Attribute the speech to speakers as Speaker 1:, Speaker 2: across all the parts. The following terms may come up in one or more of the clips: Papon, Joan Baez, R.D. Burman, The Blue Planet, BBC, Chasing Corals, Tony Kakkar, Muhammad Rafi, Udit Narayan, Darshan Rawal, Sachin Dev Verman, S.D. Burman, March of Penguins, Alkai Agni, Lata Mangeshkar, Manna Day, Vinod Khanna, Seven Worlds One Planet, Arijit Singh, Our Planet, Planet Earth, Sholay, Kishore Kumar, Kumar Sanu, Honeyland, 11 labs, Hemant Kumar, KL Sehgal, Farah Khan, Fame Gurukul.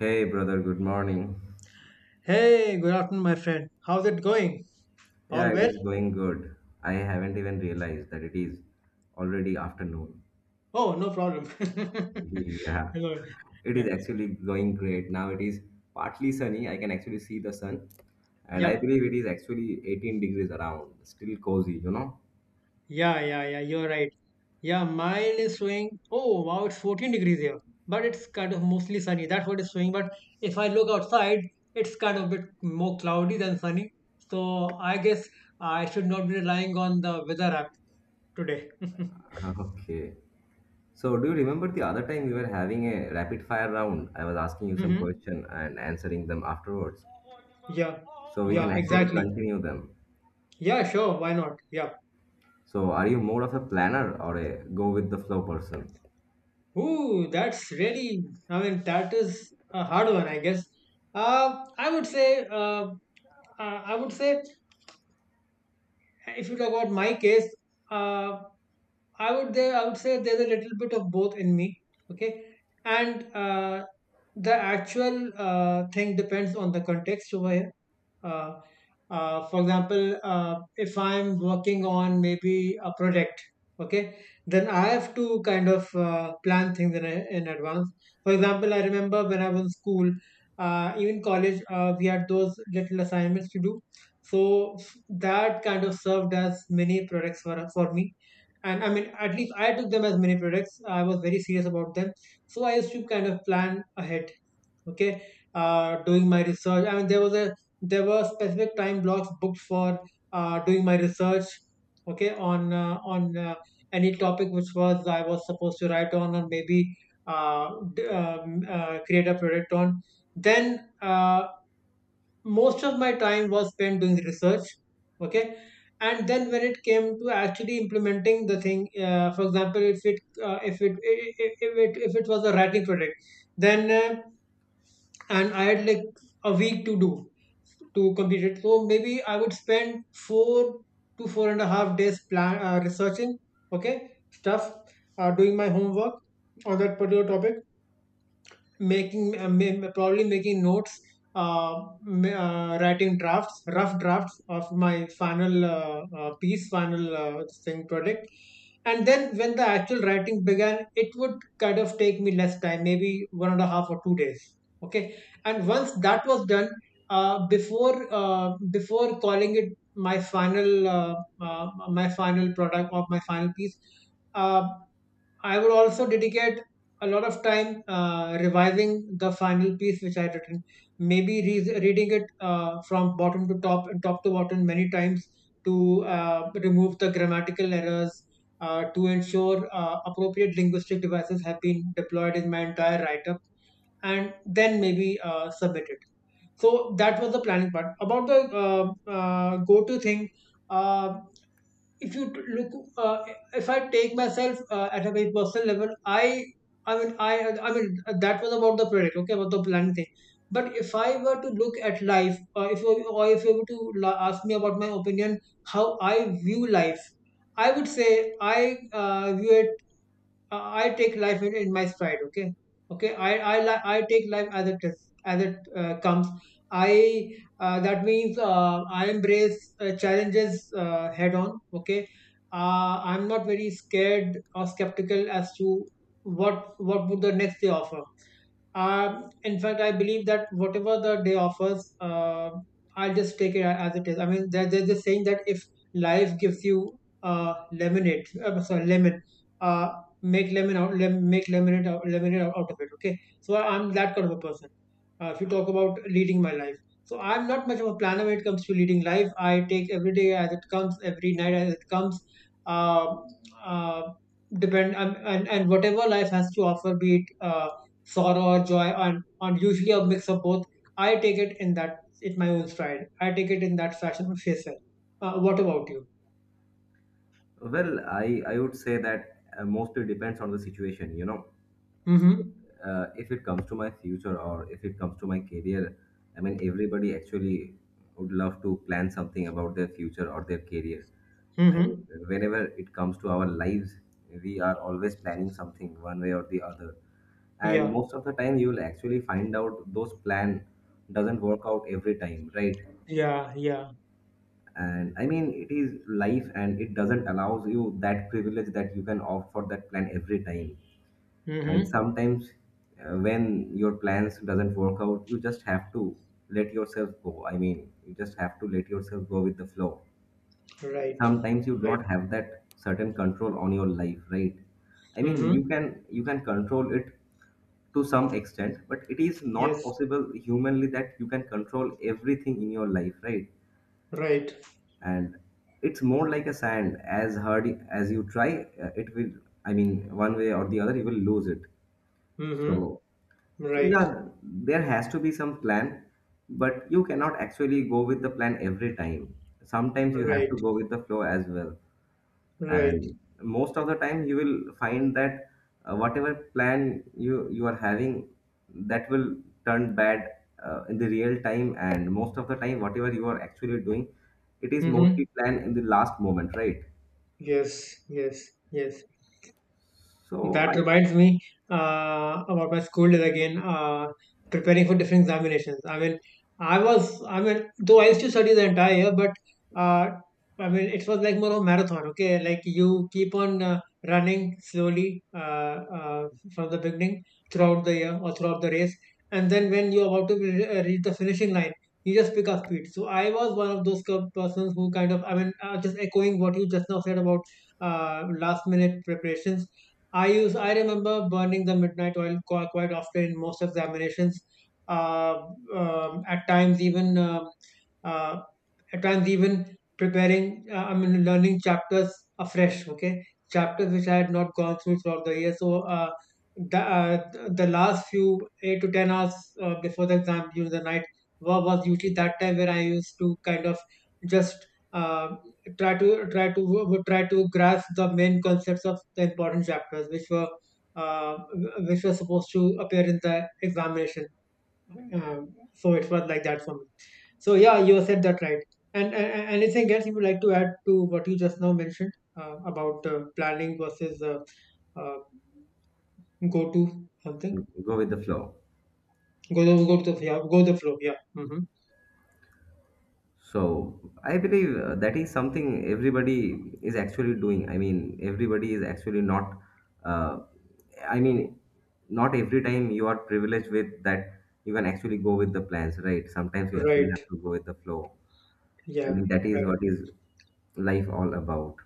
Speaker 1: Hey brother, good morning.
Speaker 2: Hey, good afternoon, my friend. How's it going? All
Speaker 1: Yeah, it is
Speaker 2: well?
Speaker 1: going good. I haven't even realized that it is already afternoon.
Speaker 2: Oh, no problem.
Speaker 1: Yeah,
Speaker 2: Hello.
Speaker 1: it
Speaker 2: Yeah.
Speaker 1: is actually going great. Now it is partly sunny. I can actually see the sun, and I
Speaker 2: Yep.
Speaker 1: believe it is actually 18 degrees around. Still cozy, you know?
Speaker 2: Yeah, yeah, yeah. You're right. Yeah, mine is showing. Oh, wow, it's 14 degrees here. But it's kind of mostly sunny. That's what it's showing. But if I look outside, it's kind of a bit more cloudy than sunny. So I guess I should not be relying on the weather app today.
Speaker 1: Okay. So, do you remember the other time we were having a rapid fire round? I was asking you some
Speaker 2: Mm-hmm.
Speaker 1: question and answering them afterwards.
Speaker 2: Yeah.
Speaker 1: So we can
Speaker 2: Yeah,
Speaker 1: actually
Speaker 2: exactly.
Speaker 1: continue them.
Speaker 2: Yeah, sure. Why not? Yeah.
Speaker 1: So, are you more of a planner or a go with the flow person?
Speaker 2: Ooh, that's really, I mean, that is a hard one, I guess. Uh, I would say, uh, I would say if you talk about my case, uh, I would say there's a little bit of both in me. Okay, and the actual thing depends on the context over here. Uh, for example, if I'm working on maybe a project, okay, then I have to kind of plan things in advance. For example, I remember when I was in school, even college, we had those little assignments to do. So that kind of served as mini products for me and I mean at least I took them as mini products. I was very serious about them, so I used to kind of plan ahead. Okay. Doing my research, I mean there was a there were specific time blocks booked for doing my research. Okay. On any topic which was I was supposed to write on, or maybe uh, create a product on. Then most of my time was spent doing research. Okay. And then when it came to actually implementing the thing, for example, if it I- if it was a writing project, then, and I had like a week to do to complete it, so maybe I would spend four to four and a half days plan researching, okay, stuff, doing my homework on that particular topic, making probably making notes, uh, writing drafts, rough drafts of my final piece final thing project. And then when the actual writing began, it would kind of take me less time, maybe one and a half or 2 days. Okay. And once that was done, before calling it my final uh, my final product or my final piece, uh, I would also dedicate a lot of time revising the final piece which I had written. Maybe reading it from bottom to top and top to bottom many times to remove the grammatical errors, to ensure appropriate linguistic devices have been deployed in my entire write up, and then maybe submit it. So that was the planning part. About the go to thing. Uh, if you t- look uh, if I take myself at a very personal level, i mean i I mean that was about the project, okay, about the plan thing. But if I were to look at life, or if you were to la- ask me about my opinion how I view life, I would say I view it, I take life in my stride. Okay, okay. I take life as it is, as it comes. I That means I embrace challenges head on. Okay. I'm not very scared or skeptical as to what would the next day offer. In fact, I believe that whatever the day offers, I'll just take it as it is. I mean, there's this saying that if life gives you lemonade, sorry, lemon, uh, make make lemonade out of it. Okay, so I'm that kind of a person. If you talk about leading my life, so I'm not much of a planner when it comes to leading life. I take every day as it comes, every night as it comes. Uh, uh, depend And whatever life has to offer, be it sorrow or joy, and usually a mix of both, I take it in that, in my own stride. I take it in that fashion. Of yourself What about you?
Speaker 1: Well, I would say that mostly depends on the situation. You know,
Speaker 2: Mm-hmm.
Speaker 1: uh, if it comes to my future or if it comes to my career, I mean, everybody actually would love to plan something about their future or their career. I,
Speaker 2: Mm-hmm.
Speaker 1: whenever it comes to our lives, we are always planning something one way or the other. And
Speaker 2: Yeah,
Speaker 1: most of the time, you will actually find out those plan doesn't work out every time, right?
Speaker 2: yeah, yeah.
Speaker 1: And I mean, it is life and it doesn't allows you that privilege that you can opt for that plan every time. And
Speaker 2: Mm-hmm.
Speaker 1: sometimes, when your plans doesn't work out, you just have to let yourself go. I mean, you just have to let yourself go with the flow.
Speaker 2: Right.
Speaker 1: Sometimes you do
Speaker 2: Right.
Speaker 1: not have that certain control on your life, right? I mean,
Speaker 2: Mm-hmm.
Speaker 1: you can control it to some extent, but it is not
Speaker 2: Yes.
Speaker 1: possible humanly that you can control everything in your life, right?
Speaker 2: Right.
Speaker 1: And it's more like a sand. As hard as you try, it will, I mean, one way or the other, you will lose it.
Speaker 2: Mm-hmm.
Speaker 1: So so
Speaker 2: Right.
Speaker 1: yeah, there has to be some plan, but you cannot actually go with the plan every time. Sometimes you have to
Speaker 2: Right.
Speaker 1: go with the flow as well.
Speaker 2: Right.
Speaker 1: And most of the time you will find that whatever plan you are having, that will turn bad in the real time. And most of the time, whatever you are actually doing, it is
Speaker 2: Mm-hmm.
Speaker 1: mostly planned in the last moment, right?
Speaker 2: Yes, yes, yes.
Speaker 1: So
Speaker 2: That
Speaker 1: I
Speaker 2: reminds me about my school days again. Preparing for different examinations, I mean, I was, I mean, though I used to study the entire year, but uh, I mean, it was like more of a marathon, okay? Like you keep on running slowly uh, from the beginning throughout the year or throughout the race. And then when you're about to reach the finishing line, you just pick up speed. So I was one of those kind of persons who kind of, I mean, just echoing what you just now said about last minute preparations. I remember burning the midnight oil quite often in most examinations. Uh, at times even uh, at times even preparing, I mean, learning chapters afresh. Okay, chapters which I had not gone through throughout the year. So the last few 8 to 10 hours before the exam during the night was usually that time where I used to kind of just. Um, try to try to Try to grasp the main concepts of the important chapters uh, which were supposed to appear in the examination. um, so it was like that for me. So yeah, you said that right. And and anything else you would like to add to what you just now mentioned about planning versus, uh, go to something.
Speaker 1: go with the flow.
Speaker 2: Go to the yeah, go the flow yeah. Hmm.
Speaker 1: So I believe, that is something everybody is actually doing. I mean, everybody is actually not. Uh, I mean, not every time you are privileged with that you can actually go with the plans, right? Sometimes you actually
Speaker 2: Right.
Speaker 1: have to go with the flow. I
Speaker 2: Yeah.
Speaker 1: mean, that is
Speaker 2: Right.
Speaker 1: what is life all about.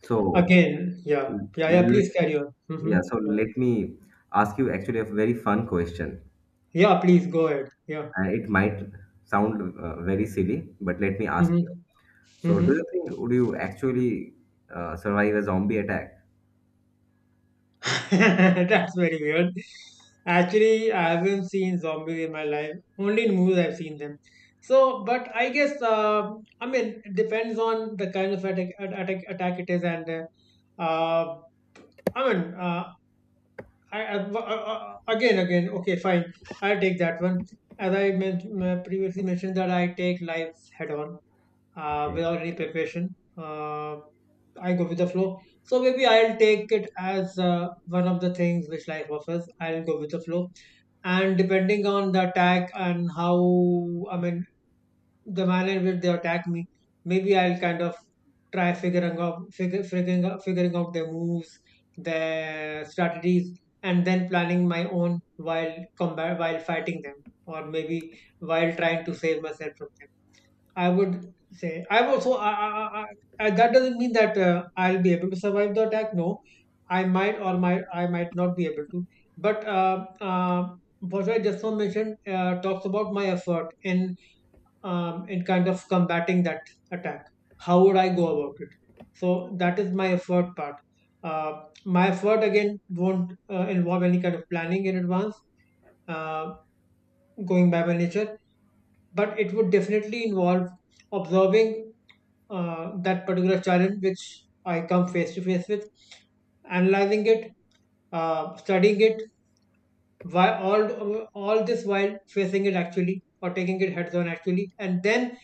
Speaker 1: So
Speaker 2: Again yeah,
Speaker 1: l-
Speaker 2: yeah, yeah,
Speaker 1: let,
Speaker 2: please carry on. Hmm.
Speaker 1: yeah. So
Speaker 2: Yeah.
Speaker 1: let me ask you actually a very fun question.
Speaker 2: Yeah, please go ahead, yeah.
Speaker 1: It might sound very silly, but let me ask
Speaker 2: Mhm.
Speaker 1: you. So,
Speaker 2: Mm-hmm.
Speaker 1: do you think would you actually survive a zombie attack?
Speaker 2: That's very weird. Actually, I haven't seen zombies in my life. Only in movies I've seen them. So, but I guess I mean it depends on the kind of attack it is, and uh, I mean I, again again okay fine, I'll take that one. As I previously mentioned, that I take lives head on.
Speaker 1: Okay.
Speaker 2: Without any preparation. I go with the flow. So maybe I'll take it as one of the things which life offers. I'll go with the flow. And depending on the attack and how, I mean, the manner in which they attack me, maybe I'll kind of try figuring out, figure, figuring out their moves, their strategies, and then planning my own while combat, while fighting them, or maybe while trying to save myself from them. I would say I also I, I, that doesn't mean that I'll be able to survive the attack. No, I might not be able to. But what I just now mentioned talks about my effort in kind of combating that attack. How would I go about it? So that is my effort part. My effort again won't involve any kind of planning in advance, uh, going by my nature, but it would definitely involve observing that particular challenge which I come face to face with, analyzing it, studying it, why all this while facing it actually or taking it heads on actually, and then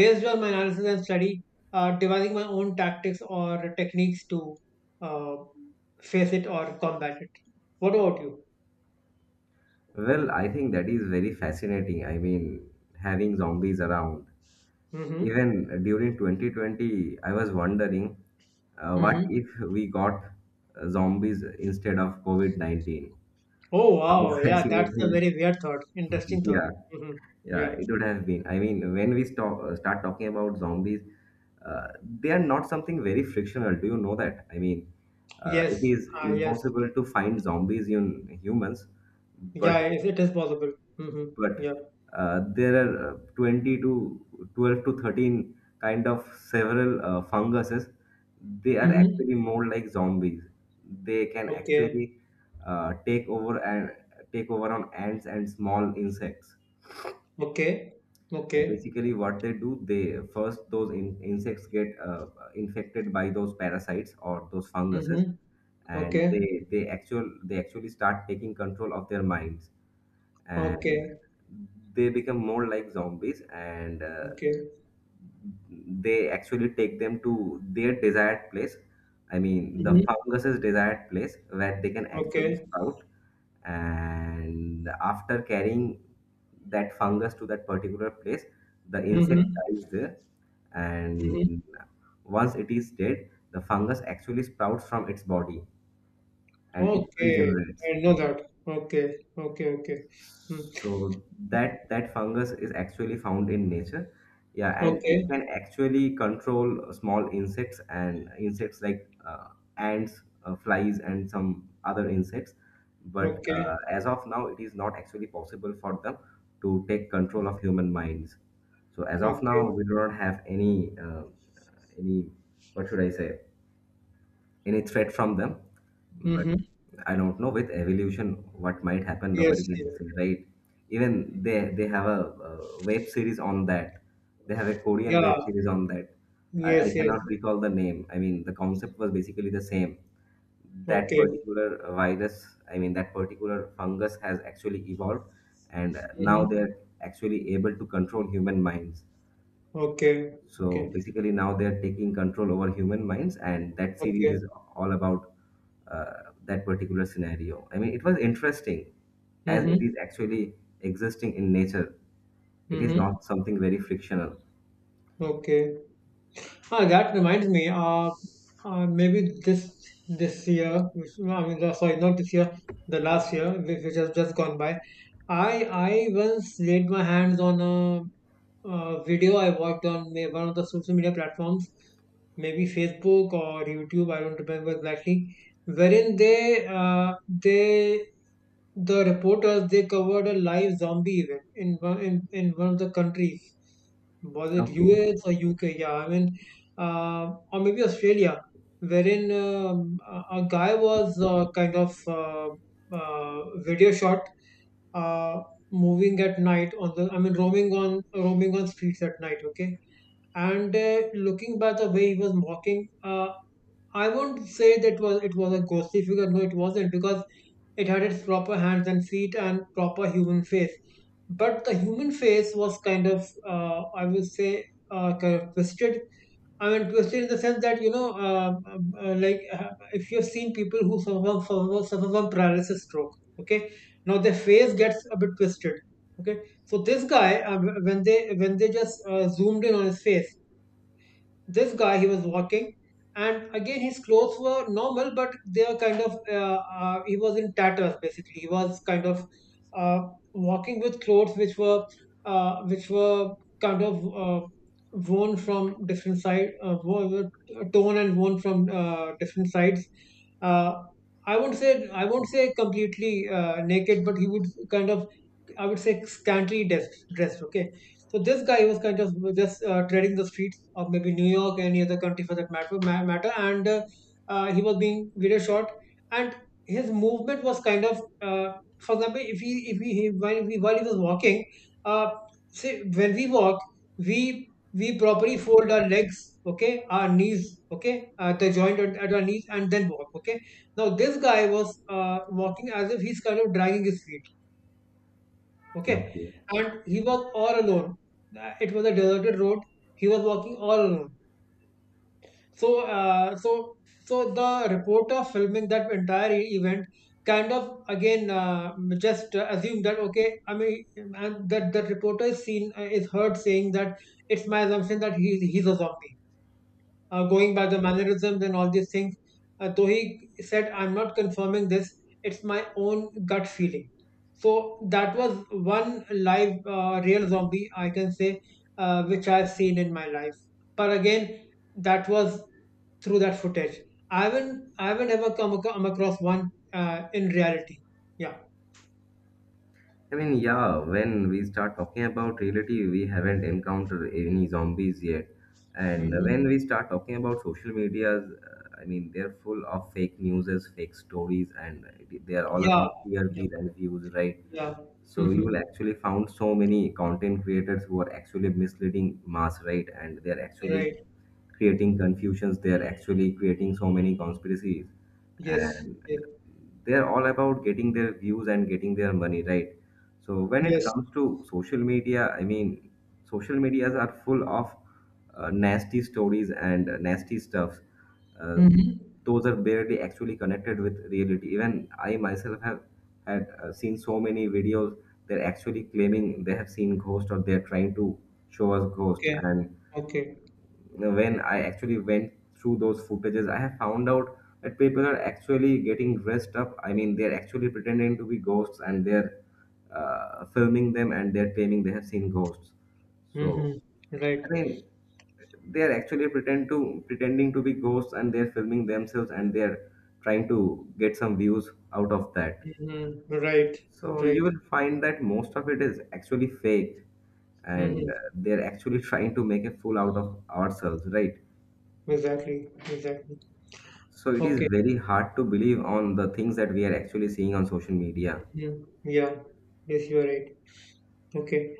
Speaker 2: based on my analysis and study, devising my own tactics or techniques to uh, face it or combat it. What about you?
Speaker 1: Well, I think that is very fascinating. I mean, having zombies around.
Speaker 2: Hmm.
Speaker 1: Even during 2020, I was wondering,
Speaker 2: Hmm.
Speaker 1: what if we got zombies instead of COVID-19?
Speaker 2: Oh
Speaker 1: How
Speaker 2: wow, yeah, that's a
Speaker 1: fascinating.
Speaker 2: very weird thought, interesting thought.
Speaker 1: Yeah.
Speaker 2: Hmm.
Speaker 1: Yeah,
Speaker 2: Yeah.
Speaker 1: it would have been. I mean, when we start talking about zombies, uh, they are not something very frictional. Do you know that? I mean,
Speaker 2: Yes.
Speaker 1: it is
Speaker 2: Ah, yes.
Speaker 1: impossible to find zombies in humans, but
Speaker 2: Yeah, it is possible. Mm-hmm.
Speaker 1: but
Speaker 2: Yeah.
Speaker 1: there are 20 to 12 to 13 kind of several funguses. They are actually
Speaker 2: Mm-hmm.
Speaker 1: more like zombies. They can
Speaker 2: Okay.
Speaker 1: actually take over and take over on ants and small insects.
Speaker 2: Okay. Okay.
Speaker 1: Basically, what they do, they first, those insects get infected by those parasites or those funguses,
Speaker 2: Mm-hmm.
Speaker 1: and
Speaker 2: Okay.
Speaker 1: they actually start taking control of their minds, and
Speaker 2: Okay.
Speaker 1: they become more like zombies, and
Speaker 2: Okay.
Speaker 1: they actually take them to their desired place. I mean, the
Speaker 2: Mm-hmm.
Speaker 1: funguses desired place where they can actually
Speaker 2: Okay.
Speaker 1: sprout. And after carrying that fungus to that particular place, the insect
Speaker 2: Mm-hmm.
Speaker 1: dies there.
Speaker 2: Mm-hmm.
Speaker 1: And once it is dead, the fungus actually sprouts from its body and it
Speaker 2: Okay.
Speaker 1: regenerates.
Speaker 2: I know that. Okay. Okay. Okay. Mm.
Speaker 1: So that fungus is actually found in nature. Yeah, and it
Speaker 2: Okay.
Speaker 1: can actually control small insects and insects like ants, flies, and some other insects. But
Speaker 2: Okay.
Speaker 1: as of now, it is not actually possible for them to take control of human minds. So as of now,
Speaker 2: Okay.
Speaker 1: we do not have any, what should I say, any threat from them, but
Speaker 2: Mm-hmm.
Speaker 1: I don't know, with evolution, what might happen.
Speaker 2: Yes,
Speaker 1: Nobody
Speaker 2: yes.
Speaker 1: can say, right? Even they have a, uh web series on that. They have a Korean
Speaker 2: Yeah.
Speaker 1: web series on that. I
Speaker 2: Yes. Yes.
Speaker 1: cannot recall the name. I mean, the concept was basically the same, that
Speaker 2: Okay.
Speaker 1: particular virus, I mean, that particular fungus has actually evolved, and now
Speaker 2: Mm-hmm.
Speaker 1: they're actually able to control human minds.
Speaker 2: Okay. Okay.
Speaker 1: So basically, now they are taking control over human minds, and that series
Speaker 2: Okay.
Speaker 1: is all about that particular scenario. I mean, it was interesting as it
Speaker 2: Mm-hmm.
Speaker 1: is actually existing in nature. It is
Speaker 2: Mm-hmm.
Speaker 1: not something very fictional.
Speaker 2: Okay. Ah, that reminds me. Maybe this year, which, I mean, the, sorry, not this year, the last year, which has just gone by. I I once laid my hands on a video I watched on one of the social media platforms, maybe Facebook or YouTube. I don't remember exactly. Wherein uh, they the reporters they covered a live zombie event in in one of the countries. Was it
Speaker 1: Okay.
Speaker 2: US or UK? Yeah, I mean, or maybe Australia, wherein a guy was kind of video shot uh, moving at night on the, I mean, roaming on streets at night. Okay, and looking by the way he was walking, I won't say that was it was a ghostly figure. No, it wasn't because it had its proper hands and feet and proper human face. But the human face was kind of, I would say, kind of twisted. I mean, twisted in the sense that, if you've seen people who suffer from paralysis stroke, okay? Now their face gets a bit twisted, okay? So this guy, when they just zoomed in on his face, this guy he was walking, and again his clothes were normal, but they are kind of he was in tatters. Basically he was kind of uh, walking with clothes which were kind of worn from different side, torn and worn from different sides. uh, I won't say completely naked, but he would kind of, I would say, scantily dressed, okay? So this guy was kind of just treading the street, or maybe New York, any other country for that matter, and he was being video shot, and his movement was kind of, for example, if he while he was walking, uh, say when we walk, we we properly fold our legs, okay, our knees, okay, the joint at our knees, and then walk, okay. Now this guy was walking as if he's kind of dragging his feet, okay,
Speaker 1: Okay.
Speaker 2: and he was all alone. It was a deserted road. He was walking all alone, so, uh, so, so the reporter filming that entire event kind of again just assume that, okay, I mean, and that reporter is seen, is heard saying that it's my assumption that he's a zombie. Going by the mannerisms and all these things, though he said, "I'm not confirming this. It's my own gut feeling." So that was one live real zombie, I can say, which I've seen in my life. But again, that was through that footage. I haven't ever come across one in reality. Yeah.
Speaker 1: I mean, yeah, when we start talking about reality, we haven't encountered any zombies yet. And
Speaker 2: Hmm.
Speaker 1: when we start talking about social medias, I mean, they're full of fake news, fake stories, and they are all
Speaker 2: Yeah.
Speaker 1: about
Speaker 2: Yeah.
Speaker 1: TRPs and views, right?
Speaker 2: Yeah.
Speaker 1: So you
Speaker 2: Hmm.
Speaker 1: will actually found so many content creators who are actually misleading mass, right? And they are actually
Speaker 2: Right.
Speaker 1: creating confusions. They are actually creating so many conspiracies,
Speaker 2: Yes.
Speaker 1: and
Speaker 2: Yes.
Speaker 1: they are all about getting their views and getting their money, right? So when it
Speaker 2: Yes.
Speaker 1: comes to social media, I mean, social medias are full of nasty stories and nasty stuff. Uh,
Speaker 2: Hmm.
Speaker 1: those are barely actually connected with reality. Even I myself have had seen so many videos. They're actually claiming they have seen ghosts or they're trying to show us ghosts.
Speaker 2: Okay.
Speaker 1: And
Speaker 2: Okay.
Speaker 1: when I actually went through those footages, I have found out that people are actually getting dressed up. I mean, they're actually pretending to be ghosts and they're filming them and they're claiming they have seen ghosts.
Speaker 2: Hmm.
Speaker 1: So,
Speaker 2: Right.
Speaker 1: I mean, they are actually pretending to be ghosts and they're filming themselves and they're trying to get some views out of that,
Speaker 2: Hmm. Right.
Speaker 1: so you
Speaker 2: Right.
Speaker 1: will find that most of it is actually fake
Speaker 2: Hmm.
Speaker 1: and they're actually trying to make a fool out of ourselves, right?
Speaker 2: Exactly. Exactly.
Speaker 1: So it
Speaker 2: Okay.
Speaker 1: is very hard to believe on the things that we are actually seeing on social media.
Speaker 2: Hmm. Yeah. Yes, you are right. Okay.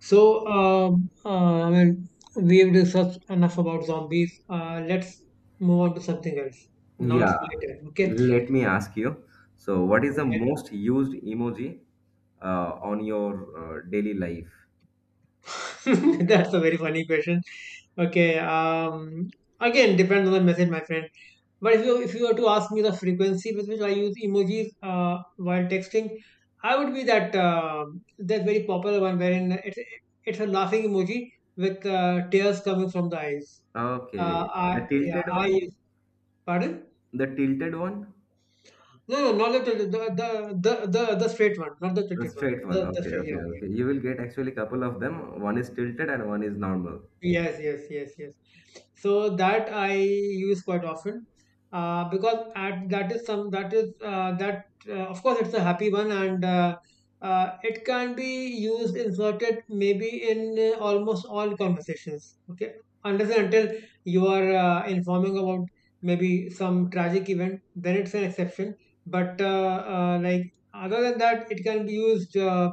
Speaker 2: So I mean, we've discussed enough about zombies. Let's move on to something else. Now it's
Speaker 1: Yeah,
Speaker 2: my turn. Okay.
Speaker 1: let me ask you, so what is the most used emoji on your daily life?
Speaker 2: Okay. That's a very funny question. Okay. Again, depends on the message, my friend. But if you were to ask me the frequency with which I use emojis while texting, I would be that very popular one wherein it's a laughing emoji with tears coming from the eyes.
Speaker 1: Okay, the
Speaker 2: I, yeah,
Speaker 1: tilted one?
Speaker 2: I pardon.
Speaker 1: The tilted one?
Speaker 2: No, no, not the straight one, not the
Speaker 1: The
Speaker 2: tilted one.
Speaker 1: straight one.
Speaker 2: The
Speaker 1: Okay,
Speaker 2: straight, yeah,
Speaker 1: okay,
Speaker 2: yeah.
Speaker 1: okay. You will get actually couple of them. One is tilted and one is normal.
Speaker 2: Yes, yes, yes, yes. So that I use quite often, because at, that is some that is, that of course it's a happy one, and it can be used, inserted maybe, in almost all conversations. Okay, unless and until you are informing about maybe some tragic event, then it's an exception. But like other than that, it can be used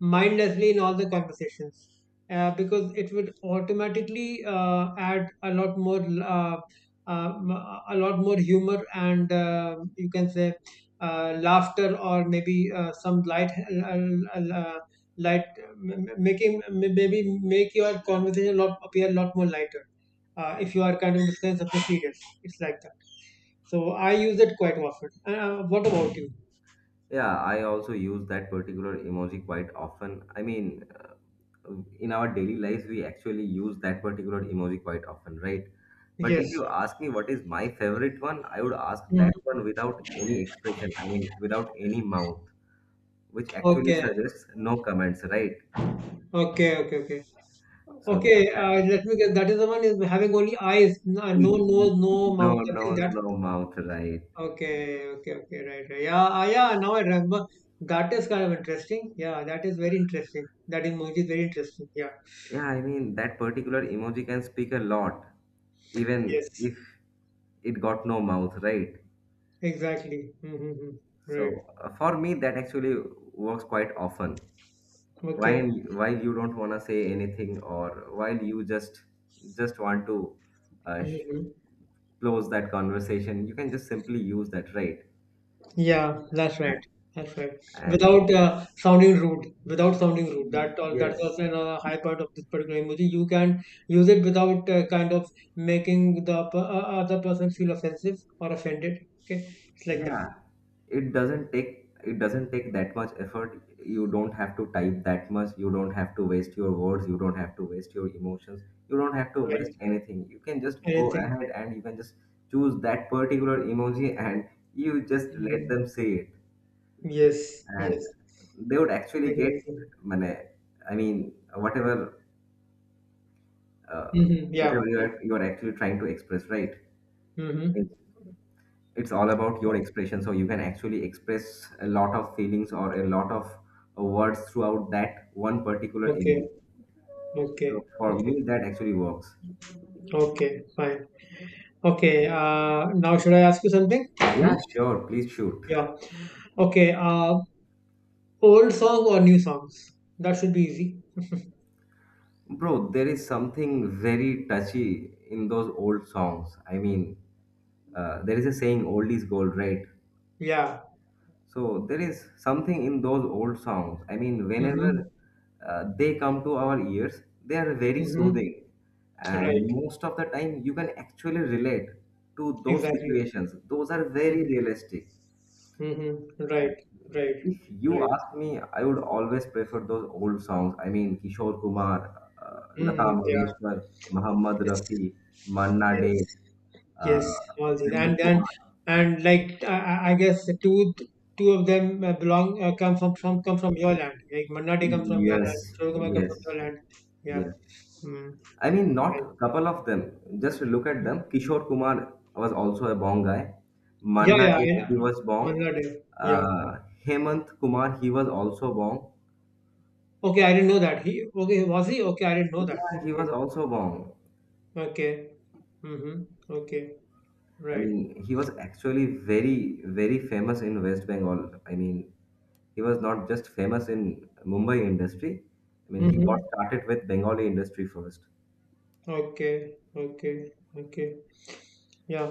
Speaker 2: mindlessly in all the conversations, because it would automatically add uh, um, a lot more humor, and you can say laughter, or maybe some light uh, uh, light making, maybe make your conversation a lot, appear a lot more lighter, if you are kind of discussing something serious. It's like that. So I use it quite often. What about you?
Speaker 1: Yeah, I also use that particular emoji quite often. I mean, in our daily lives, we actually use that particular emoji quite often, right? But if
Speaker 2: Yes.
Speaker 1: you ask me what is my favorite one, I would ask
Speaker 2: Mhm.
Speaker 1: that one without any expression. I mean, without any mouth, which actually
Speaker 2: Okay.
Speaker 1: suggests no comments, right?
Speaker 2: Okay.
Speaker 1: So
Speaker 2: Okay,
Speaker 1: that,
Speaker 2: let me guess. That is the one is having only eyes, no nose, no
Speaker 1: no
Speaker 2: mouth. I think
Speaker 1: nose,
Speaker 2: that.
Speaker 1: no mouth, right?
Speaker 2: Okay, okay, okay, right, right. Yeah, ah, yeah. Now I remember. That is kind of interesting. Yeah, that is very interesting. That emoji is very interesting. Yeah.
Speaker 1: Yeah, I mean, that particular emoji can speak a lot, even
Speaker 2: Yes.
Speaker 1: if it got no mouth, right?
Speaker 2: Exactly. Mm-hmm. Mm-hmm. Right.
Speaker 1: So, for me, that actually works quite often.
Speaker 2: Okay.
Speaker 1: While while you don't wanna say anything, or while you just want to uh, sh-
Speaker 2: Mm-hmm. Mm-hmm.
Speaker 1: close that conversation, you can just simply use that, right?
Speaker 2: Yeah, that's right.
Speaker 1: A-
Speaker 2: That's right.
Speaker 1: And
Speaker 2: Without sounding rude, without sounding rude. That's
Speaker 1: yes,
Speaker 2: also another high part of this particular emoji. You can use it without kind of making other person feel offensive or offended. Okay, it's like that.
Speaker 1: yeah. It doesn't take that much effort. You don't have to type that much. You don't have to waste your words. You don't have to waste your emotions. You don't have to
Speaker 2: Right.
Speaker 1: waste anything. You can just go
Speaker 2: Anything.
Speaker 1: ahead, and you can just choose that particular emoji and you just let
Speaker 2: Hmm.
Speaker 1: them say it.
Speaker 2: Yes. Yes.
Speaker 1: And they would
Speaker 2: I
Speaker 1: actually
Speaker 2: agree
Speaker 1: get
Speaker 2: with you.
Speaker 1: money. I mean, uh,
Speaker 2: Mm-hmm. Yeah.
Speaker 1: whatever you
Speaker 2: Yeah.
Speaker 1: are, you are actually trying to express, right. Like,
Speaker 2: Mm-hmm.
Speaker 1: it's all about your
Speaker 2: Okay.
Speaker 1: expression, so you can actually express a lot of feelings or a lot of words throughout that one particular emotion.
Speaker 2: Okay.
Speaker 1: So for
Speaker 2: Okay.
Speaker 1: me, that actually works.
Speaker 2: Okay. Fine. Okay. Now should I ask you something? Hmm?
Speaker 1: Yeah, sure, please shoot.
Speaker 2: Yeah. Okay. Old song or new songs? That should be easy.
Speaker 1: Bro, there is something very touchy in those old songs. I mean, there is a saying, old is gold, right?
Speaker 2: Yeah.
Speaker 1: So there is something in those old songs. I mean, whenever
Speaker 2: Mm-hmm.
Speaker 1: they come to our ears, they are very
Speaker 2: Mm-hmm.
Speaker 1: soothing. And
Speaker 2: Right.
Speaker 1: most of the time, you can actually relate to those
Speaker 2: Exactly.
Speaker 1: situations. Those are very
Speaker 2: Mm-hmm.
Speaker 1: realistic.
Speaker 2: Mm-hmm. Right. Right.
Speaker 1: If you
Speaker 2: Right.
Speaker 1: ask me, I would always prefer those old songs. I mean, Kishore Kumar, Lata
Speaker 2: Mm, yeah.
Speaker 1: Mangeshkar, Muhammad
Speaker 2: Yes.
Speaker 1: Rafi, Manna
Speaker 2: Yes.
Speaker 1: Day,
Speaker 2: Yes.
Speaker 1: uh,
Speaker 2: All these and
Speaker 1: Hemant Kumar.
Speaker 2: like I guess the two of them belong come from come from your land. Like Mannati comes from your land.
Speaker 1: Yes,
Speaker 2: Shorukuma comes
Speaker 1: yes,
Speaker 2: from your land. Yeah.
Speaker 1: yes.
Speaker 2: Mm.
Speaker 1: I mean,
Speaker 2: Right.
Speaker 1: not a couple of them. Just look at
Speaker 2: Mm.
Speaker 1: them. Kishore Kumar was also a Bong guy.
Speaker 2: Yeah.
Speaker 1: Manna
Speaker 2: Yeah.
Speaker 1: Day, he
Speaker 2: I,
Speaker 1: was Bong.
Speaker 2: Mannati. Yeah.
Speaker 1: Uh, Hemant Kumar, he was also Bong.
Speaker 2: Okay, I didn't know that. He, okay, was he? Okay, I didn't know that.
Speaker 1: Yeah, he
Speaker 2: Okay.
Speaker 1: was also Bong.
Speaker 2: Okay. Mm-hmm. Okay.
Speaker 1: I
Speaker 2: Right.
Speaker 1: mean, he was actually very, very famous in West Bengal. I mean, he was not just famous in Mumbai industry. I mean, he got
Speaker 2: Mm-hmm.
Speaker 1: started with Bengali industry first.
Speaker 2: Okay. Okay. Okay. Yeah.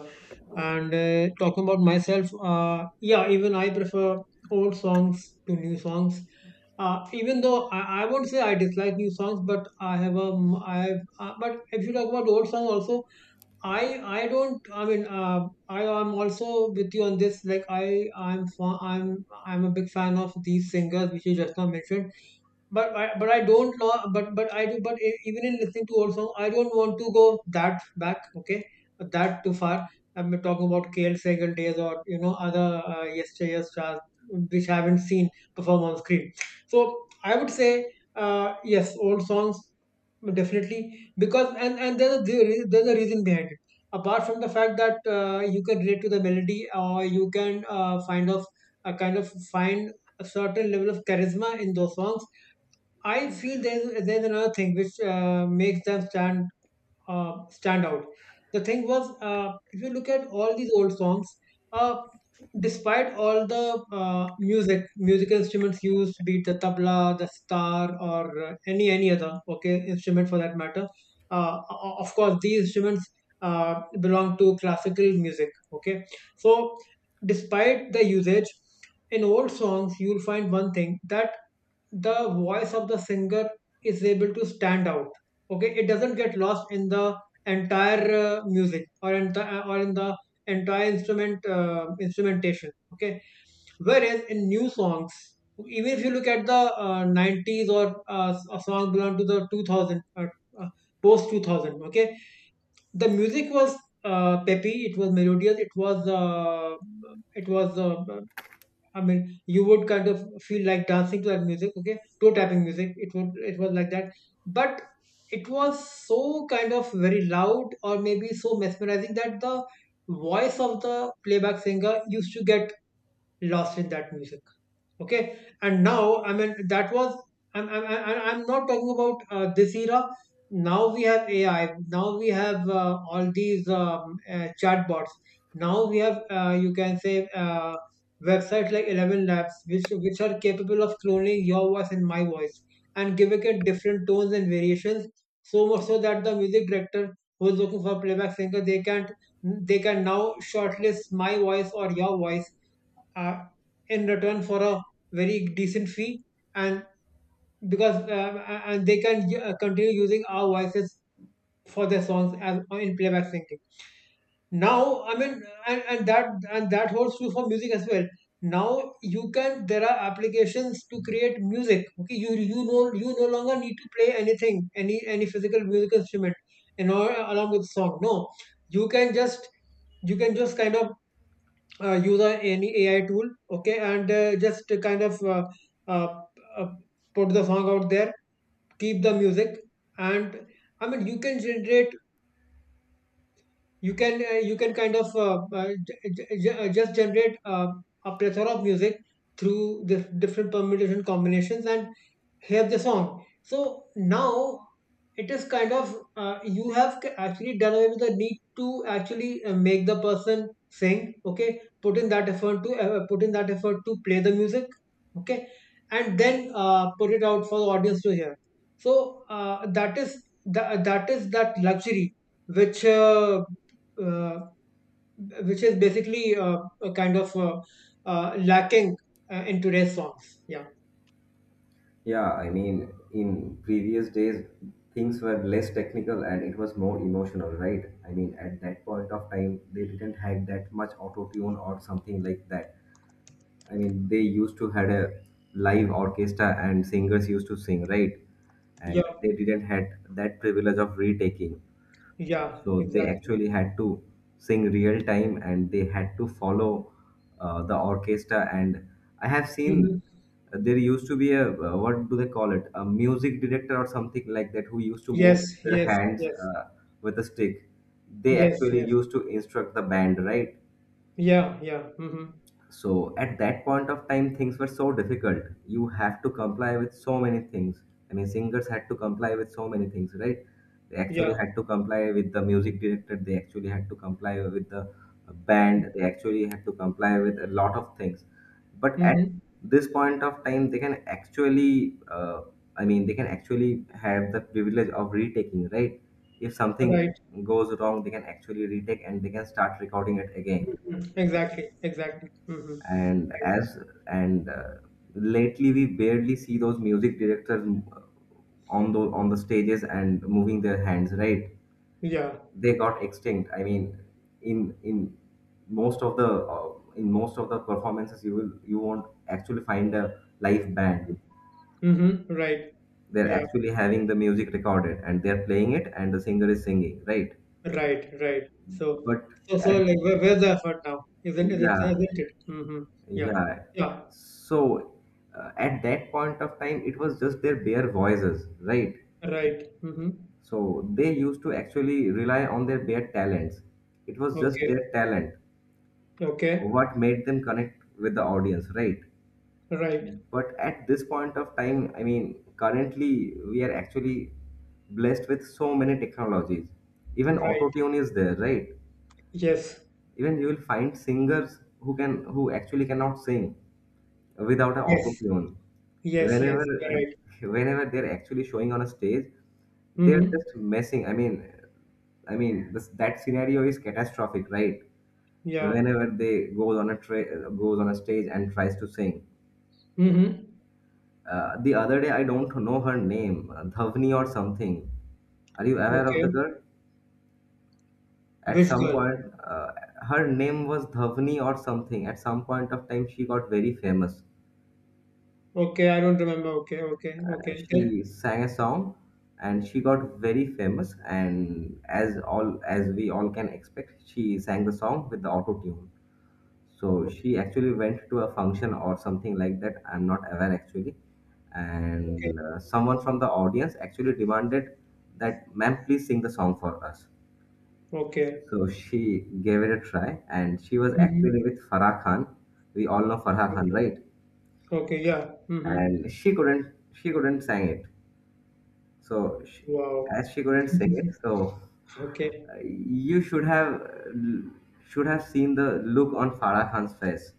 Speaker 2: And talking about myself, yeah, even I prefer old songs to new songs. Even though I won't say I dislike new songs, but I have I have, but if you talk about old songs, also, I don't, I mean, I am also with you on this. Like I'm a big fan of these singers which you just now mentioned, but but I don't know. But I do. But even in listening to old song, I don't want to go that back. Okay, that too far. I'm talking about KL Sehgal days, or you know other yesteryear stars which I haven't seen perform on screen. So I would say yes, old songs definitely, because and there's a there's a reason behind it. Apart from the fact that you can relate to the melody, or you can find of kind of find a certain level of charisma in those songs, I feel there's another thing which makes them stand, stand out. The thing was, if you look at all these old songs, uh, despite all the musical instruments used, be it the tabla, the sitar, or any other, okay, instrument for that matter, of course these instruments belong to classical music. Okay, so despite the usage in old songs, you'll find one thing, that the voice of the singer is able to stand out. Okay, it doesn't get lost in the entire music, or in the entire instrumentation. Okay, whereas in new songs, even if you look at the 90s, or a song belong to the 2000, uh, post 2000, okay, the music was peppy, it was melodious, it was it was uh, I mean, you would kind of feel like dancing to that music, okay? Toe tapping music. It was like that. But it was so kind of very loud, or maybe so mesmerizing, that the voice of the playback singer used to get lost in that music. Okay, and now I mean, that was, I'm not talking about this era. Now we have AI, now we have all these chatbots, now we have, you can say, websites like 11 labs, which are capable of cloning your voice and my voice and giving it different tones and variations, so much so that the music director who is looking for a playback singer, they can now shortlist my voice or your voice uh, in return for a very decent fee, and because and they can continue using our voices for their songs as in playback singing. Now I mean, and that holds true for music as well. Now you can, there are applications to create music. Okay, you no, you no longer need to play anything, any physical music instrument, you know, along with song. No, you can just, you can just kind of use a, any AI tool, okay, and just kind of uh, uh, put the song out there, keep the music, and I mean you can generate, you can kind of just generate a plethora of music through the different permutation combinations, and hear the song. So now it is kind of, you have actually done away with the need to actually make the person sing. Okay, put in that effort to put in that effort to play the music. Okay, and then put it out for the audience to hear. So that is that luxury which uh, uh, which is basically a kind of lacking in today's songs. Yeah.
Speaker 1: Yeah, I mean, in previous days, things were less technical and it was more emotional, right? I mean, at that point of time, they didn't have that much auto tune or something like that. I mean, they used to had a live orchestra and singers used to sing, right?
Speaker 2: Yeah.
Speaker 1: And they didn't had that privilege of retaking.
Speaker 2: Yeah.
Speaker 1: So they
Speaker 2: Exactly.
Speaker 1: actually had to sing real time and they had to follow the orchestra. And I have seen
Speaker 2: Mhm.
Speaker 1: there used to be a what do they call it? A music director or something like that who used to
Speaker 2: Yes,
Speaker 1: move their
Speaker 2: yes,
Speaker 1: hands
Speaker 2: yes,
Speaker 1: with a stick. They
Speaker 2: yes,
Speaker 1: actually
Speaker 2: yes.
Speaker 1: used to instruct the band, right?
Speaker 2: Yeah, yeah. Mm-hmm.
Speaker 1: So at that point of time, things were so difficult. You have to comply with so many things. I mean, singers had to comply with so many things, right? They actually
Speaker 2: Yeah.
Speaker 1: had to comply with the music director. They actually had to comply with the band. They actually had to comply with a lot of things. But at
Speaker 2: Mm-hmm.
Speaker 1: this point of time, they can actually, I mean, they can actually have the privilege of retaking, right? If something
Speaker 2: Right.
Speaker 1: goes wrong, they can actually retake and they can start recording it again.
Speaker 2: Exactly. Exactly. Mm-hmm.
Speaker 1: And
Speaker 2: Right.
Speaker 1: as and lately we barely see those music directors uh, on the stages and moving their hands, right?
Speaker 2: Yeah.
Speaker 1: They got extinct. I mean, in most of the in most of the performances, you will you won't actually find a live band.
Speaker 2: Mm-hmm. Right.
Speaker 1: They're
Speaker 2: Yeah.
Speaker 1: actually having the music recorded and they're playing it and the singer is singing, right?
Speaker 2: Right. Right. So,
Speaker 1: but
Speaker 2: so, so
Speaker 1: at
Speaker 2: like, where's the effort now? Isn't it? Isn't
Speaker 1: yeah
Speaker 2: it? Mm-hmm. Yeah.
Speaker 1: Yeah.
Speaker 2: Yeah.
Speaker 1: So uh, at that point of time, it was just their bare voices, right?
Speaker 2: Right. Mm-hmm.
Speaker 1: So they used to actually rely on their bare talents. It was just
Speaker 2: Okay.
Speaker 1: their talent,
Speaker 2: Okay.
Speaker 1: what made them connect with the audience, right?
Speaker 2: Right.
Speaker 1: But at this point of time, I mean, currently we are actually blessed with so many technologies. Even
Speaker 2: Right.
Speaker 1: auto tune is there, right?
Speaker 2: Yes.
Speaker 1: Even you will find singers who can who actually cannot sing without an
Speaker 2: Yes.
Speaker 1: autotune.
Speaker 2: Yes.
Speaker 1: Whenever
Speaker 2: Yes. You're right.
Speaker 1: whenever they're actually showing on a stage, they're
Speaker 2: Mm-hmm.
Speaker 1: just messing. I mean, this, that scenario is catastrophic, right?
Speaker 2: Yeah.
Speaker 1: Whenever they goes on a stage and tries to sing.
Speaker 2: Mm-hmm.
Speaker 1: The other day, I don't know her name, Dhavni or something. Are you aware of the
Speaker 2: Okay.
Speaker 1: girl? At
Speaker 2: Which
Speaker 1: some
Speaker 2: girl?
Speaker 1: point, her name was Dhavni or something. At some point of time, she got very famous.
Speaker 2: Okay, I don't remember. Okay, okay, okay. Then,
Speaker 1: She sang a song and she got very famous, and as we all can expect, she sang the song with the auto tune. So she actually went to a function or something like that, I'm not aware actually,
Speaker 2: okay,
Speaker 1: and someone from the audience actually demanded that, "Ma'am, please sing the song for us."
Speaker 2: okay.
Speaker 1: So she gave it a try, and she was
Speaker 2: Mm-hmm.
Speaker 1: actually with Farah Khan. We all know Farah Khan,
Speaker 2: Okay,
Speaker 1: right?
Speaker 2: okay, yeah. Mm-hmm.
Speaker 1: And she couldn't sang it. So, sh
Speaker 2: Wow.
Speaker 1: as she couldn't say it, so
Speaker 2: Okay,
Speaker 1: you should have seen the look on Farah Khan's face.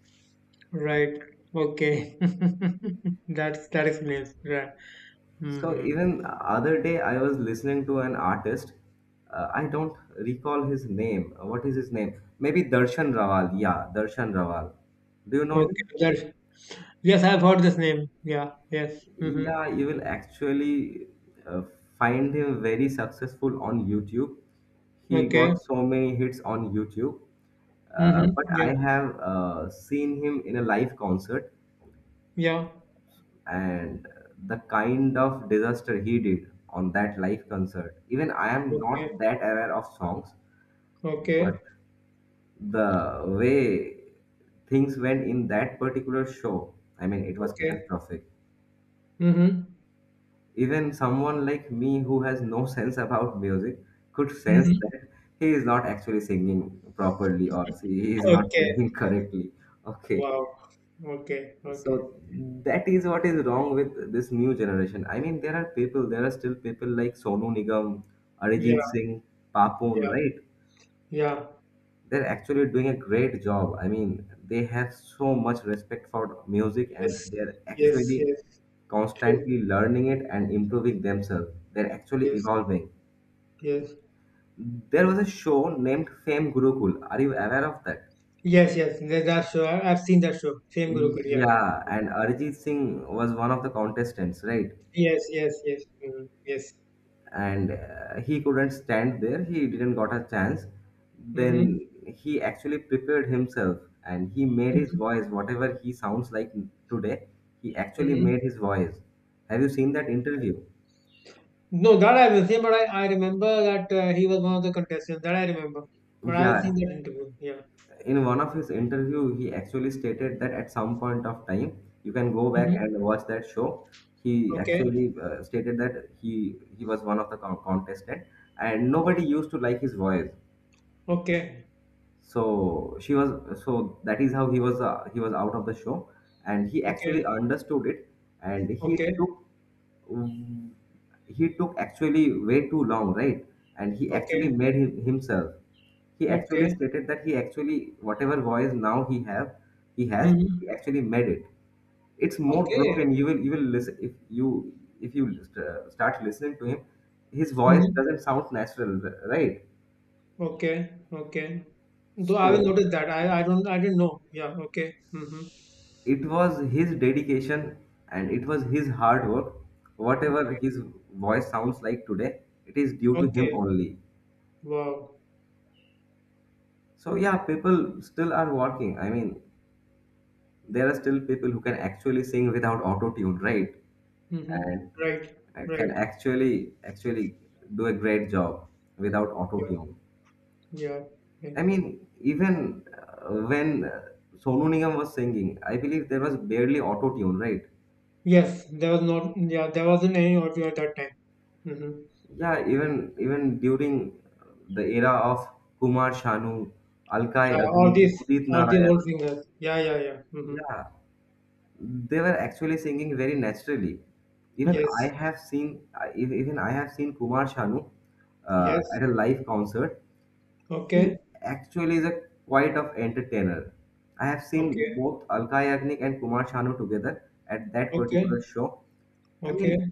Speaker 2: right. Okay. That is nice. Right.
Speaker 1: So
Speaker 2: Mm-hmm.
Speaker 1: even other day, I was listening to an artist. I don't recall his name. What is his name? Maybe Darshan Rawal. Yeah, Darshan Rawal. Do you know
Speaker 2: Okay.
Speaker 1: him?
Speaker 2: That's, yes, I've heard this name. Yeah. Yes. Mm-hmm.
Speaker 1: Yeah, you will actually uh, find him very successful on YouTube. He
Speaker 2: Okay.
Speaker 1: got so many hits on YouTube.
Speaker 2: Mm-hmm.
Speaker 1: But
Speaker 2: Yeah.
Speaker 1: I have seen him in a live concert,
Speaker 2: Yeah.
Speaker 1: and the kind of disaster he did on that live concert. Even I am not
Speaker 2: Okay.
Speaker 1: that aware of songs,
Speaker 2: Okay.
Speaker 1: but the way things went in that particular show, I mean, it was
Speaker 2: Okay.
Speaker 1: catastrophic.
Speaker 2: Mm-hmm.
Speaker 1: Even someone like me who has no sense about music could sense
Speaker 2: Mm-hmm.
Speaker 1: that he is not actually singing properly, or he is not
Speaker 2: Okay.
Speaker 1: singing correctly. Okay,
Speaker 2: Wow. Okay. Okay.
Speaker 1: so that is what is wrong with this new generation. I mean, there are people, there are still people like Sonu Nigam, Arijit
Speaker 2: Yeah.
Speaker 1: Singh, Papon,
Speaker 2: Yeah.
Speaker 1: right?
Speaker 2: Yeah.
Speaker 1: They're actually doing a great job. I mean, they have so much respect for music, and
Speaker 2: Yes,
Speaker 1: they're
Speaker 2: yes,
Speaker 1: actually
Speaker 2: yes, true.
Speaker 1: constantly learning it and improving themselves. They're actually
Speaker 2: Yes,
Speaker 1: evolving.
Speaker 2: yes,
Speaker 1: There was a show named Fame Gurukul. Are you aware of that?
Speaker 2: yes, yes. That, that show I've seen that show. Fame Guru Kulia.
Speaker 1: Yeah,
Speaker 2: Yeah.
Speaker 1: and
Speaker 2: Mhm.
Speaker 1: Arijit Singh was one of the contestants, right?
Speaker 2: Yes, yes, yes, yes.
Speaker 1: And he couldn't stand there. He didn't got a chance.
Speaker 2: Mm-hmm.
Speaker 1: Then he actually prepared himself and he made his
Speaker 2: Mm-hmm.
Speaker 1: voice whatever he sounds like today. He actually
Speaker 2: Mm-hmm.
Speaker 1: made his voice. Have you seen that
Speaker 2: Okay.
Speaker 1: interview?
Speaker 2: No, that I will say, but I remember that he was one of the contestants. That I remember, but I will see
Speaker 1: Yeah,
Speaker 2: that interview. Yeah.
Speaker 1: in one of his interview, he actually stated that at some point of time, you can go back
Speaker 2: Mm-hmm.
Speaker 1: and watch that show. He
Speaker 2: Okay.
Speaker 1: actually stated that he was one of the contestant, and
Speaker 2: Okay.
Speaker 1: nobody used to like his voice.
Speaker 2: Okay.
Speaker 1: So she was, so that is how he was, he was out of the show, and he actually
Speaker 2: Okay.
Speaker 1: understood it, and he
Speaker 2: Okay.
Speaker 1: took mm, he took actually way too long, right? And he actually
Speaker 2: Okay.
Speaker 1: made himself, he actually
Speaker 2: Okay.
Speaker 1: stated that he actually whatever voice now he have, he has, he
Speaker 2: Mm-hmm.
Speaker 1: actually made it. It's more
Speaker 2: Okay.
Speaker 1: broken. You will, you will listen, if you, if you start listening to him, his voice
Speaker 2: Mm-hmm.
Speaker 1: doesn't sound natural, right?
Speaker 2: Okay, okay. Though I will
Speaker 1: So
Speaker 2: notice that. I don't I didn't know. Yeah, okay. Mm-hmm.
Speaker 1: it was his dedication and it was his hard work. Whatever
Speaker 2: Okay.
Speaker 1: his voice sounds like today, it is due to him
Speaker 2: Okay.
Speaker 1: only.
Speaker 2: Wow.
Speaker 1: So yeah, people still are working. I mean, there are still people who can actually sing without auto tune, right?
Speaker 2: Mm-hmm.
Speaker 1: And
Speaker 2: Right.
Speaker 1: can
Speaker 2: Right.
Speaker 1: actually actually do a great job without auto
Speaker 2: Yeah.
Speaker 1: tune.
Speaker 2: Yeah. Okay.
Speaker 1: I mean, even when Sonu Nigam was singing, I believe there was barely auto tune, right?
Speaker 2: Yes, there was not yeah, there wasn't any audio at that time. Mm-hmm.
Speaker 1: Yeah, even during the era of Kumar Sanu, Alkai
Speaker 2: Yeah,
Speaker 1: Agni, Udit
Speaker 2: all these
Speaker 1: Narayan,
Speaker 2: old singers. Yeah, yeah, yeah. Mm-hmm.
Speaker 1: yeah, they were actually singing very naturally.
Speaker 2: Yes.
Speaker 1: Even I have seen Kumar Sanu
Speaker 2: Yes.
Speaker 1: at a live concert. He
Speaker 2: Okay.
Speaker 1: actually is a quite of entertainer. I have seen
Speaker 2: Okay.
Speaker 1: both Alkai Agni and Kumar Sanu together at that particular
Speaker 2: Okay.
Speaker 1: show. I
Speaker 2: Okay.
Speaker 1: mean,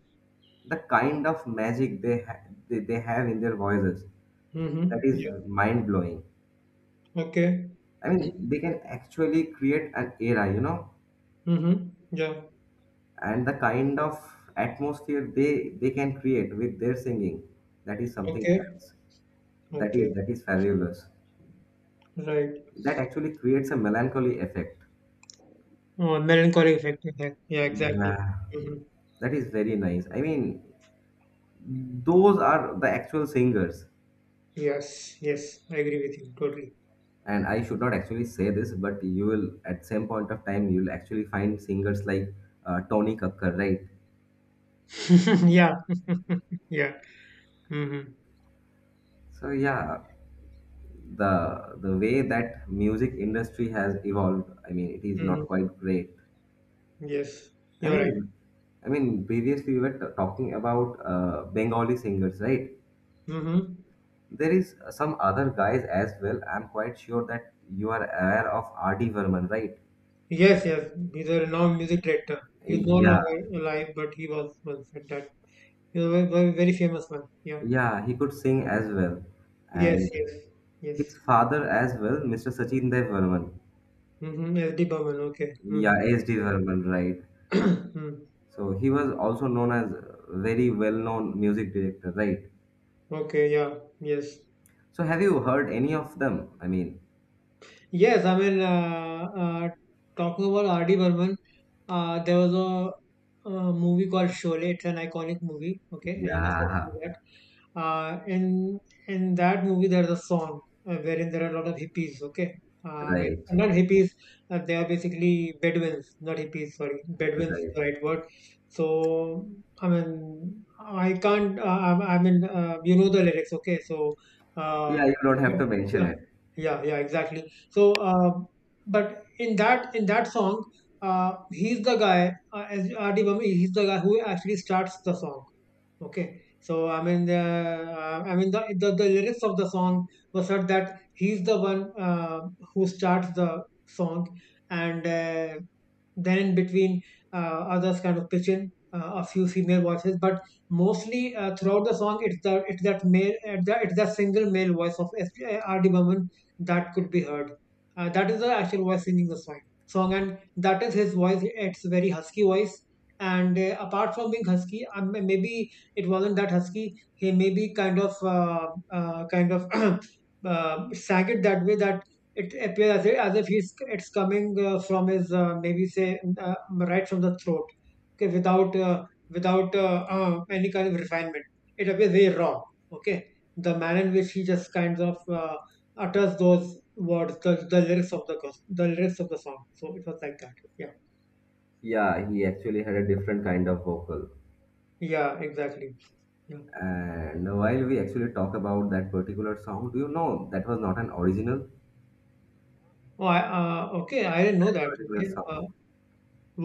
Speaker 1: the kind of magic they have in their voices, that
Speaker 2: Mm-hmm.
Speaker 1: is
Speaker 2: Yeah.
Speaker 1: mind blowing.
Speaker 2: Okay.
Speaker 1: I mean, they can actually create an era, you know,
Speaker 2: Mm-hmm. Yeah.
Speaker 1: and the kind of atmosphere they can create with their singing, that is something
Speaker 2: Okay.
Speaker 1: else. That is
Speaker 2: Okay.
Speaker 1: that is fabulous.
Speaker 2: Right.
Speaker 1: That actually creates a melancholy effect.
Speaker 2: Oh, melancholic effect. Yeah, yeah exactly.
Speaker 1: Yeah,
Speaker 2: hmm
Speaker 1: that is very nice. I mean, those are the actual singers,
Speaker 2: Yes, yes, I agree with you totally.
Speaker 1: and I should not actually say this, but you will at some point of time, you will actually find singers like Tony Kakkar, right?
Speaker 2: yeah, yeah. Mm-hmm.
Speaker 1: So yeah, the the way that music industry has evolved, I mean, it is
Speaker 2: Mm-hmm.
Speaker 1: not quite great.
Speaker 2: Yes,
Speaker 1: i
Speaker 2: you're
Speaker 1: mean
Speaker 2: right.
Speaker 1: i mean previously we were talking about Bengali singers, right?
Speaker 2: Mm-hmm.
Speaker 1: There is some other guys as well. I'm quite sure that you are aware of RD Verman, right?
Speaker 2: Yes, yes. He's a renowned music director. He's no
Speaker 1: Yeah,
Speaker 2: longer alive, but he was once at that. He's a very, very, very famous one. Yeah.
Speaker 1: yeah, he could sing as well,
Speaker 2: Yes,
Speaker 1: and
Speaker 2: yes, yes.
Speaker 1: his father as well, Mr. Sachin Dev Verman.
Speaker 2: Mm-hmm. S.D. Burman. Okay. Mm-hmm.
Speaker 1: Yeah, SD Verman, right? So he was also known as a very well known music director, right?
Speaker 2: Mm. Okay. Yeah. Yes.
Speaker 1: So have you heard any of them? I mean,
Speaker 2: Yes. I mean, talking about R.D. Burman. There was movie called Sholay. It's an iconic movie. Okay, you must have seen
Speaker 1: yeah,
Speaker 2: that. Uh, in in that movie, there's a song wherein there are a lot of hippies. Okay, I mean
Speaker 1: right,
Speaker 2: not hippies. They are basically Bedouins, not hippies. Sorry, Bedouins is
Speaker 1: right.
Speaker 2: the right word. So I mean, I can't. I mean, you know the lyrics. Okay, so
Speaker 1: Yeah,
Speaker 2: uh,
Speaker 1: you don't have to mention
Speaker 2: yeah,
Speaker 1: it.
Speaker 2: yeah, yeah, exactly. So, but in that song, he's the guy. As R D Burman, he's the guy who actually starts the song. Okay, so I mean, the I mean the lyrics of the song was such that he's the one who starts the song, and then in between uh, others kind of pitch in a few female voices but mostly throughout the song it's that it's that single male voice of rd Burman that could be heard, that is the actual voice singing the song and that is his voice. It's very husky voice, and apart from being husky, maybe it wasn't that husky. He maybe kind of sang it that way that it appears as if he's it's coming from his maybe say right from the throat, okay, without any kind of refinement. It appears very raw, okay, the manner in which he just utters those words, the lyrics of the the lyrics of the song. So it was like that, yeah.
Speaker 1: Yeah, he actually had a different kind of vocal.
Speaker 2: Yeah, exactly, yeah.
Speaker 1: And while we actually talk about that particular song, do you know that was not an original
Speaker 2: Oh, okay, I didn't know that.
Speaker 1: particular
Speaker 2: Okay,
Speaker 1: song?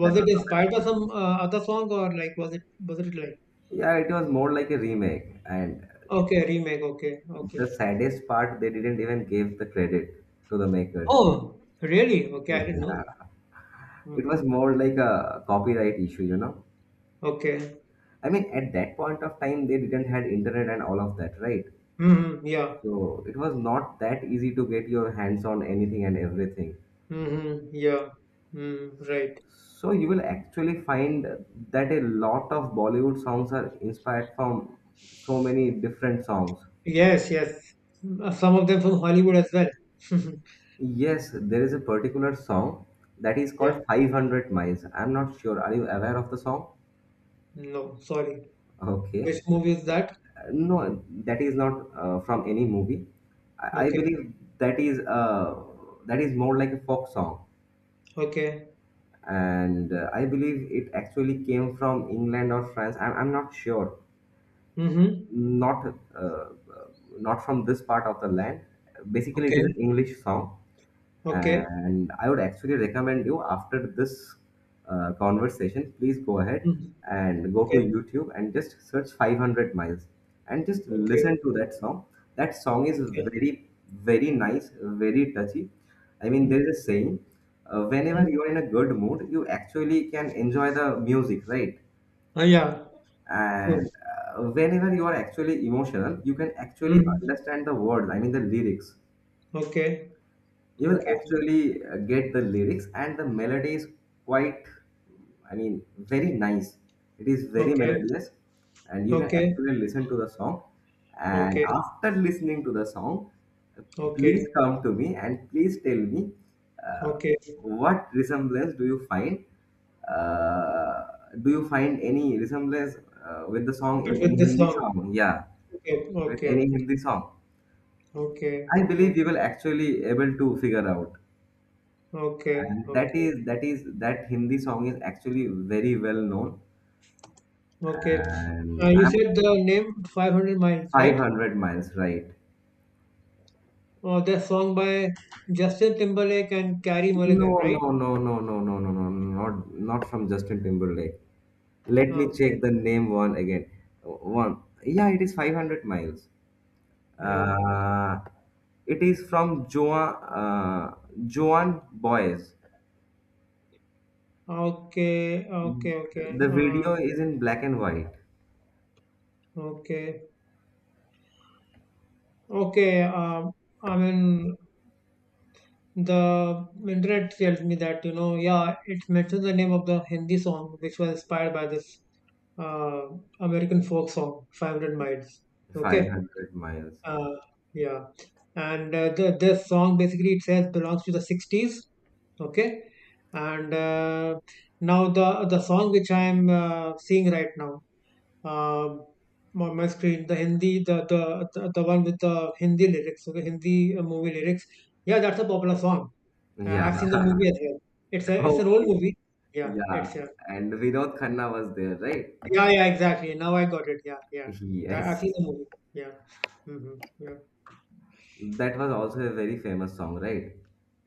Speaker 1: That
Speaker 2: it
Speaker 1: was
Speaker 2: inspired by some other song, or like, was it like
Speaker 1: yeah, it was more like a remake. And
Speaker 2: okay remake okay okay.
Speaker 1: the saddest part, they didn't even give the credit to the makers.
Speaker 2: Oh, really? Okay, I didn't know that.
Speaker 1: Yeah, it
Speaker 2: hmm
Speaker 1: was more like a copyright issue, you know.
Speaker 2: Okay.
Speaker 1: I mean, at that point of time, they didn't had internet and all of that, right?
Speaker 2: Yeah.
Speaker 1: So it was not that easy to get your hands on anything and everything.
Speaker 2: Yeah. Mm, right.
Speaker 1: So you will actually find that a lot of Bollywood songs are inspired from so many different songs.
Speaker 2: Yes, yes. Mm, some of them from Hollywood as well.
Speaker 1: Yes, there is a particular song that is
Speaker 2: Yeah.
Speaker 1: called 500 Miles. I'm not sure. Are you aware of the song?
Speaker 2: No, sorry. Which
Speaker 1: Okay.
Speaker 2: movie is that?
Speaker 1: No, that is not from any movie. I
Speaker 2: Okay.
Speaker 1: believe that is uh, that is more like a folk song.
Speaker 2: Okay.
Speaker 1: And I believe it actually came from England or France, I'm not sure.
Speaker 2: hmm
Speaker 1: not uh, Not from this part of the land. Basically, it is
Speaker 2: Okay.
Speaker 1: an English song,
Speaker 2: Okay.
Speaker 1: and I would actually recommend you, after this conversation, please go ahead
Speaker 2: Mm.
Speaker 1: and go to
Speaker 2: Okay.
Speaker 1: YouTube and just search 500 miles and just
Speaker 2: Okay.
Speaker 1: listen to that song. That song is
Speaker 2: Okay.
Speaker 1: very, very nice, very touchy. I mean,
Speaker 2: hmm
Speaker 1: there is a saying, whenever you are in a good mood, you actually can enjoy the music, right?
Speaker 2: Yeah. True.
Speaker 1: And whenever you are actually emotional, you can actually
Speaker 2: Mm.
Speaker 1: understand the words, I mean, the lyrics.
Speaker 2: Okay.
Speaker 1: You will
Speaker 2: Okay.
Speaker 1: actually get the lyrics, and the melody is quite, I mean, very nice. It is very
Speaker 2: Okay.
Speaker 1: melodious, and you can
Speaker 2: Okay.
Speaker 1: actually listen to the song. And
Speaker 2: Okay.
Speaker 1: after listening to the song, please
Speaker 2: Okay.
Speaker 1: come to me and please tell me, uh,
Speaker 2: Okay.
Speaker 1: what resemblance do you find? Uh, do you find any resemblance with the song in
Speaker 2: But
Speaker 1: any
Speaker 2: with this
Speaker 1: Hindi
Speaker 2: song.
Speaker 1: song? Yeah,
Speaker 2: Okay,
Speaker 1: with
Speaker 2: okay,
Speaker 1: any
Speaker 2: okay,
Speaker 1: Hindi song.
Speaker 2: okay,
Speaker 1: I believe you will
Speaker 2: okay,
Speaker 1: actually able to figure out.
Speaker 2: okay,
Speaker 1: And that
Speaker 2: okay,
Speaker 1: is that is that Hindi song is actually very well known.
Speaker 2: okay.
Speaker 1: And
Speaker 2: You
Speaker 1: I'm
Speaker 2: said the name 500 Miles, right?
Speaker 1: 500 miles, right?
Speaker 2: Oh, the song by Justin Timberlake and Carrie Mulligan,
Speaker 1: No,
Speaker 2: right?
Speaker 1: no, no, no, no, no, no, no, not not from Justin Timberlake. Let me
Speaker 2: Okay,
Speaker 1: check the name one again. One, yeah, it is 500 miles.
Speaker 2: yeah.
Speaker 1: Uh, it is from Joan uh, Joan Baez.
Speaker 2: Okay, okay, okay.
Speaker 1: The video is in black and white.
Speaker 2: Okay, okay. I mean, the internet tells me that, you know, yeah, it mentions the name of the Hindi song which was inspired by this uh, American folk song, 500 Miles. Okay.
Speaker 1: 500 miles.
Speaker 2: Uh, yeah, and the this song basically it says belongs to the '60s. Okay, and now the song which I'm seeing right now um on my screen, the Hindi, the one with the Hindi lyrics, okay, Hindi movie lyrics. Yeah, that's a popular song.
Speaker 1: Yeah.
Speaker 2: I've seen the movie as well. It's a it's an old
Speaker 1: Okay.
Speaker 2: movie. Yeah, it's
Speaker 1: Yeah,
Speaker 2: yeah,
Speaker 1: and Vinod Khanna was there, right?
Speaker 2: yeah, yeah, exactly. Now I got it. Yeah, yeah. That, I've seen
Speaker 1: Yes.
Speaker 2: the movie. Yeah. Mm-hmm. Yeah.
Speaker 1: That was also a very famous song, right?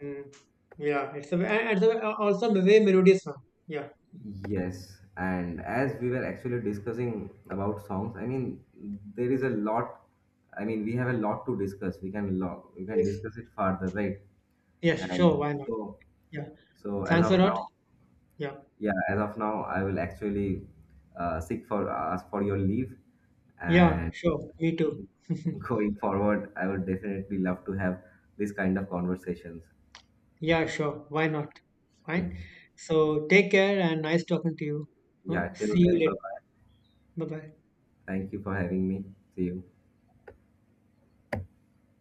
Speaker 2: Mm. Yeah, it's a and it's a, also a very melodious song. Yeah.
Speaker 1: Yes. And as we were actually discussing about songs, I mean, there is a lot. I mean, we have a lot to discuss. We can
Speaker 2: Yes.
Speaker 1: discuss it further, right?
Speaker 2: Yes.
Speaker 1: And
Speaker 2: Sure. Why not?
Speaker 1: so,
Speaker 2: Yeah.
Speaker 1: so as
Speaker 2: Thanks
Speaker 1: of
Speaker 2: a lot.
Speaker 1: now,
Speaker 2: Yeah.
Speaker 1: yeah, as of now, I will actually seek for ask for your leave,
Speaker 2: Yeah.
Speaker 1: and
Speaker 2: Sure. Me too.
Speaker 1: going forward, I would definitely love to have this kind of conversations.
Speaker 2: yeah. Sure. Why not? Fine. So take care and nice talking to you. Huh?
Speaker 1: Yeah, till
Speaker 2: See you
Speaker 1: then, bye
Speaker 2: later.
Speaker 1: bye.
Speaker 2: Bye bye.
Speaker 1: Thank you for having me. See you.